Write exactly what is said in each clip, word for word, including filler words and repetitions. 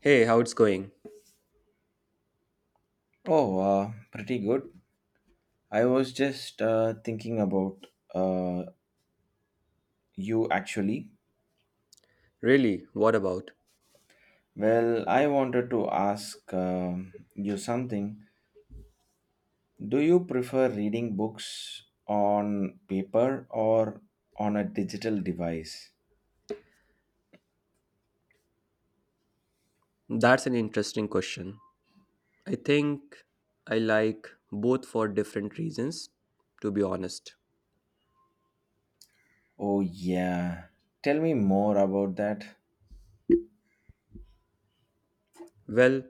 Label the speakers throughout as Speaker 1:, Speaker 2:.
Speaker 1: Hey, how it's going?
Speaker 2: Oh, uh, pretty good. I was just uh, thinking about uh, you actually.
Speaker 1: Really, what about?
Speaker 2: Well, I wanted to ask um you something. Do you prefer reading books on paper or on a digital device?
Speaker 1: That's an interesting question. I think I like both for different reasons, to be honest.
Speaker 2: Oh, yeah. Tell me more about that.
Speaker 1: Well,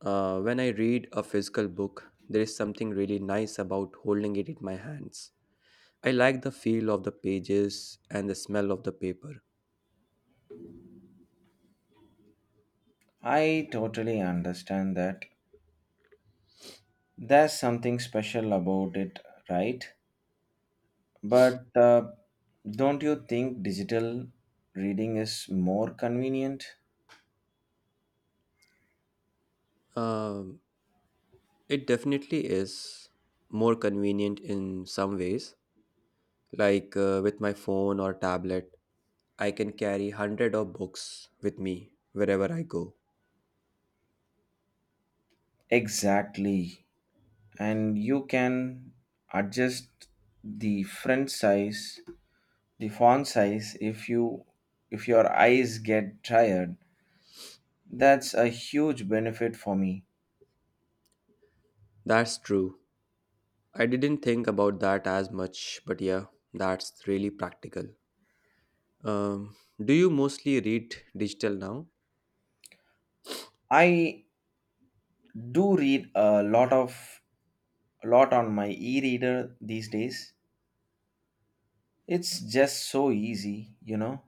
Speaker 1: uh, when I read a physical book, there is something really nice about holding it in my hands. I like the feel of the pages and the smell of the paper.
Speaker 2: I totally understand that. There's something special about it, right? But uh, don't you think digital reading is more convenient?
Speaker 1: Um, it definitely is more convenient in some ways, like uh, with my phone or tablet. I can carry hundred of books with me wherever I go.
Speaker 2: Exactly. And you can adjust the font size, the font size if you if your eyes get tired. That's a huge benefit for me.
Speaker 1: That's true. I didn't think about that as much, but yeah, that's really practical. Um, do you mostly read digital now?
Speaker 2: I do read a lot of a lot on my e-reader these days. It's just so easy, you know.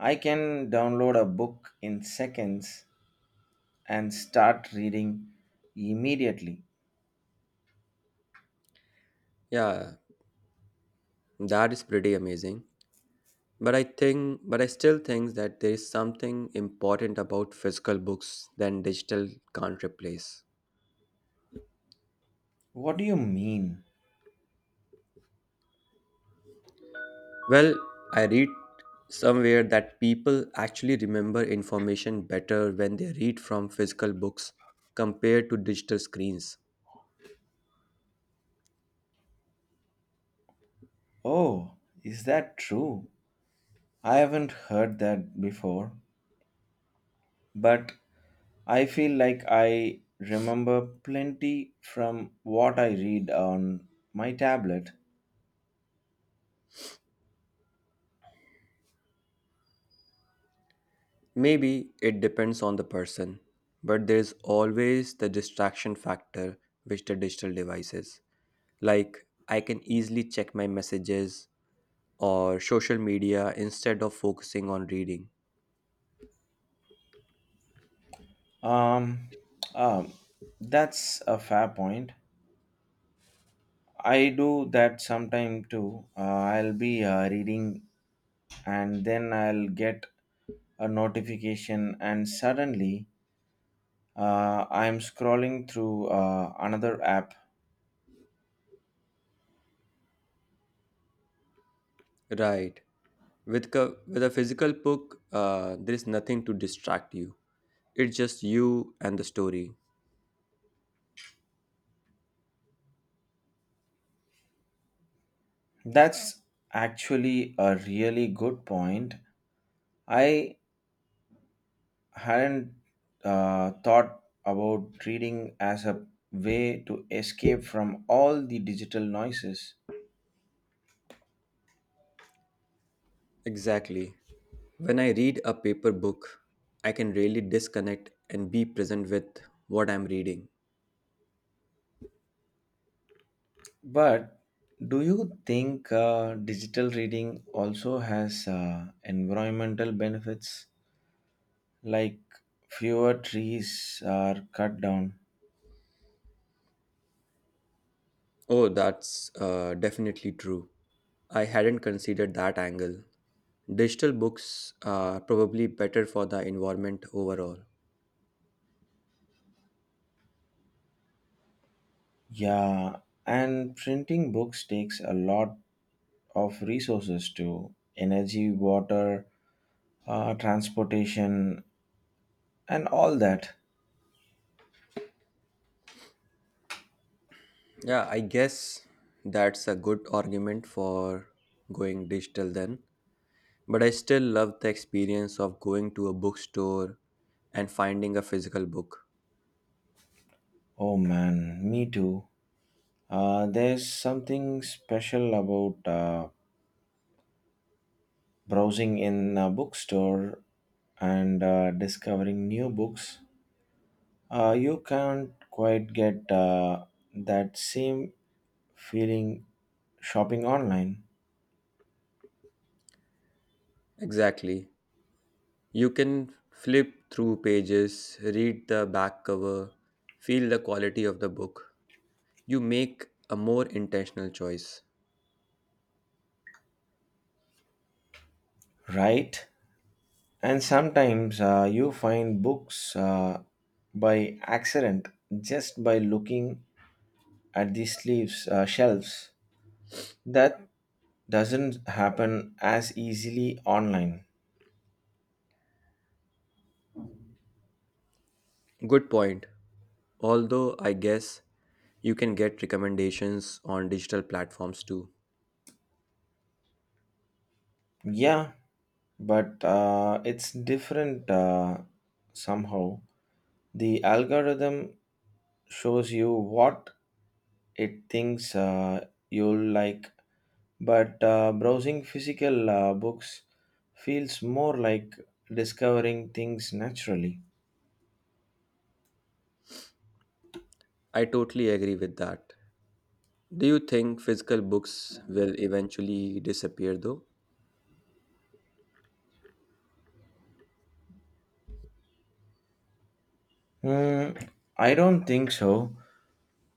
Speaker 2: I can download a book in seconds and start reading immediately.
Speaker 1: Yeah, that is pretty amazing. But I think, but I still think that there is something important about physical books that digital can't replace.
Speaker 2: What do you mean?
Speaker 1: Well, I read somewhere that people actually remember information better when they read from physical books compared to digital screens.
Speaker 2: Oh, is that true? I haven't heard that before, but I feel like I remember plenty from what I read on my tablet.
Speaker 1: Maybe it depends on the person, but there's always the distraction factor which the digital devices. Like I can easily check my messages or social media instead of focusing on reading.
Speaker 2: Um, um, that's a fair point. I do that sometime too. Uh, I'll be uh, reading and then I'll get a notification, and suddenly uh, I'm scrolling through uh, another app.
Speaker 1: Right. With co- with a physical book, uh, there is nothing to distract you. It's just you and the story.
Speaker 2: That's actually a really good point. I hadn't uh, thought about reading as a way to escape from all the digital noises.
Speaker 1: Exactly. When I read a paper book, I can really disconnect and be present with what I'm reading.
Speaker 2: But do you think uh, digital reading also has uh, environmental benefits, like fewer trees are cut down.
Speaker 1: Oh, that's uh, definitely true. I hadn't considered that angle. Digital books are probably better for the environment overall.
Speaker 2: Yeah, and printing books takes a lot of resources too, energy, water, uh, transportation, and all that.
Speaker 1: Yeah, I guess that's a good argument for going digital then. But I still love the experience of going to a bookstore and finding a physical book.
Speaker 2: Oh man, me too. Uh, there's something special about uh, browsing in a bookstore and uh, discovering new books. Uh, you can't quite get uh, that same feeling shopping online,
Speaker 1: Exactly. You can flip through pages, read the back cover, feel the quality of the book. You make a more intentional choice.
Speaker 2: right? And sometimes uh, you find books uh, by accident just by looking at the sleeves, uh, shelves. That doesn't happen as easily online.
Speaker 1: Good point. Although I guess you can get recommendations on digital platforms too.
Speaker 2: Yeah, but uh, it's different uh, somehow. The algorithm shows you what it thinks uh, you'll like, but uh, browsing physical uh, books feels more like discovering things naturally.
Speaker 1: I totally agree with that. Do you think physical books will eventually disappear though?
Speaker 2: Hmm, I don't think so.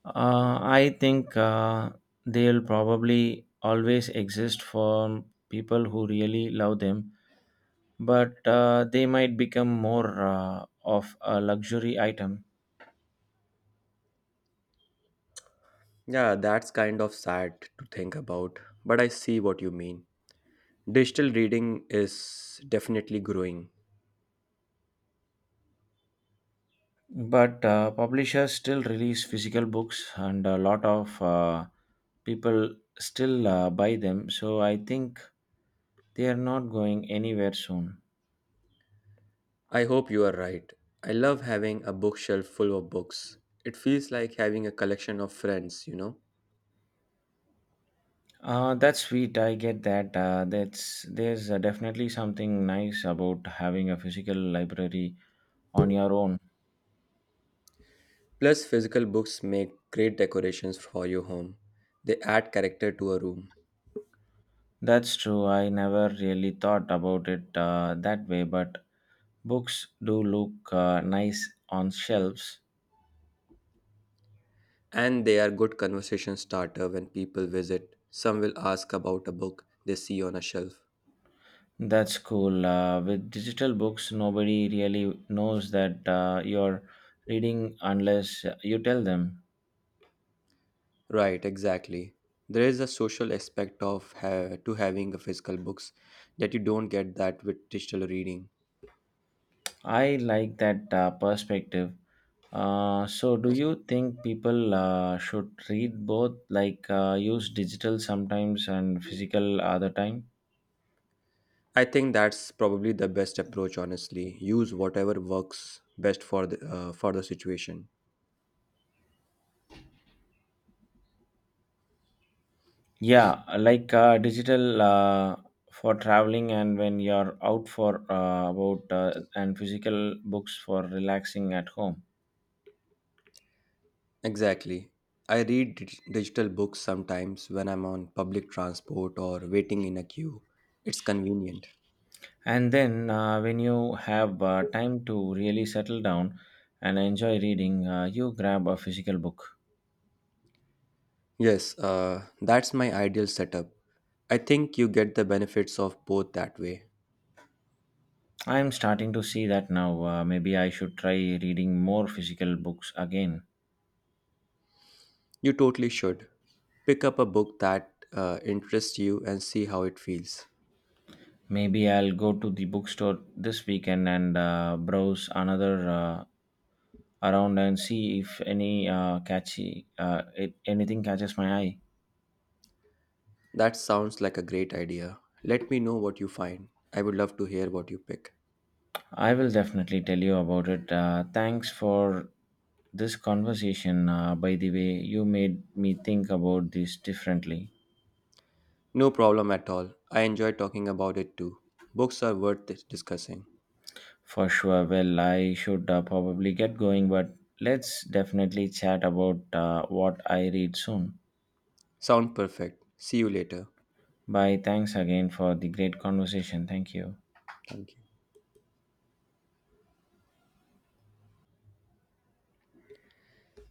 Speaker 2: Uh, I think uh, they'll probably always exist for people who really love them, but uh, they might become more uh, of a luxury item.
Speaker 1: Yeah, that's kind of sad to think about, but I see what you mean. Digital reading is definitely growing.
Speaker 2: But uh, publishers still release physical books, and a lot of uh, people still uh, buy them. So I think they are not going anywhere soon.
Speaker 1: I hope you are right. I love having a bookshelf full of books. It feels like having a collection of friends, you know.
Speaker 2: Uh, that's sweet. I get that. Uh, that's There's uh, definitely something nice about having a physical library on your own.
Speaker 1: Plus, physical books make great decorations for your home. They add character to a room.
Speaker 2: That's true. I never really thought about it uh, that way, but books do look uh, nice on shelves.
Speaker 1: And they are good conversation starter when people visit. Some will ask about a book they see on a shelf.
Speaker 2: That's cool. Uh, with digital books, nobody really knows that uh, you're reading unless you tell them.
Speaker 1: Right, exactly. There is a social aspect of ha- to having a physical books that you don't get that with digital reading.
Speaker 2: I like that uh, perspective. Uh, so, do you think people uh, should read both, like uh, use digital sometimes and physical other time?
Speaker 1: I think that's probably the best approach, honestly. Use whatever works best for the, uh, for the situation.
Speaker 2: Yeah, like uh, digital uh, for traveling and when you're out for uh, about uh, and physical books for relaxing at home.
Speaker 1: Exactly. I read dig- digital books sometimes when I'm on public transport or waiting in a queue. It's convenient.
Speaker 2: And then uh, when you have uh, time to really settle down and enjoy reading, uh, you grab a physical book.
Speaker 1: Yes, uh, that's my ideal setup. I think you get the benefits of both that way.
Speaker 2: I'm starting to see that now. Uh, maybe I should try reading more physical books again.
Speaker 1: You totally should. Pick up a book that uh, interests you and see how it feels.
Speaker 2: Maybe I'll go to the bookstore this weekend and uh, browse another uh, around and see if any uh, catchy uh, it, anything catches my eye.
Speaker 1: That sounds like a great idea. Let me know what you find. I would love to hear what you pick.
Speaker 2: I will definitely tell you about it. Uh, thanks for this conversation. Uh, by the way, you made me think about this differently.
Speaker 1: No problem at all. I enjoy talking about it too. Books are worth dis- discussing.
Speaker 2: For sure. Well, I should uh, probably get going, but let's definitely chat about uh, what I read soon.
Speaker 1: Sound perfect. See you later.
Speaker 2: Bye. Thanks again for the great conversation. Thank you.
Speaker 1: Thank you.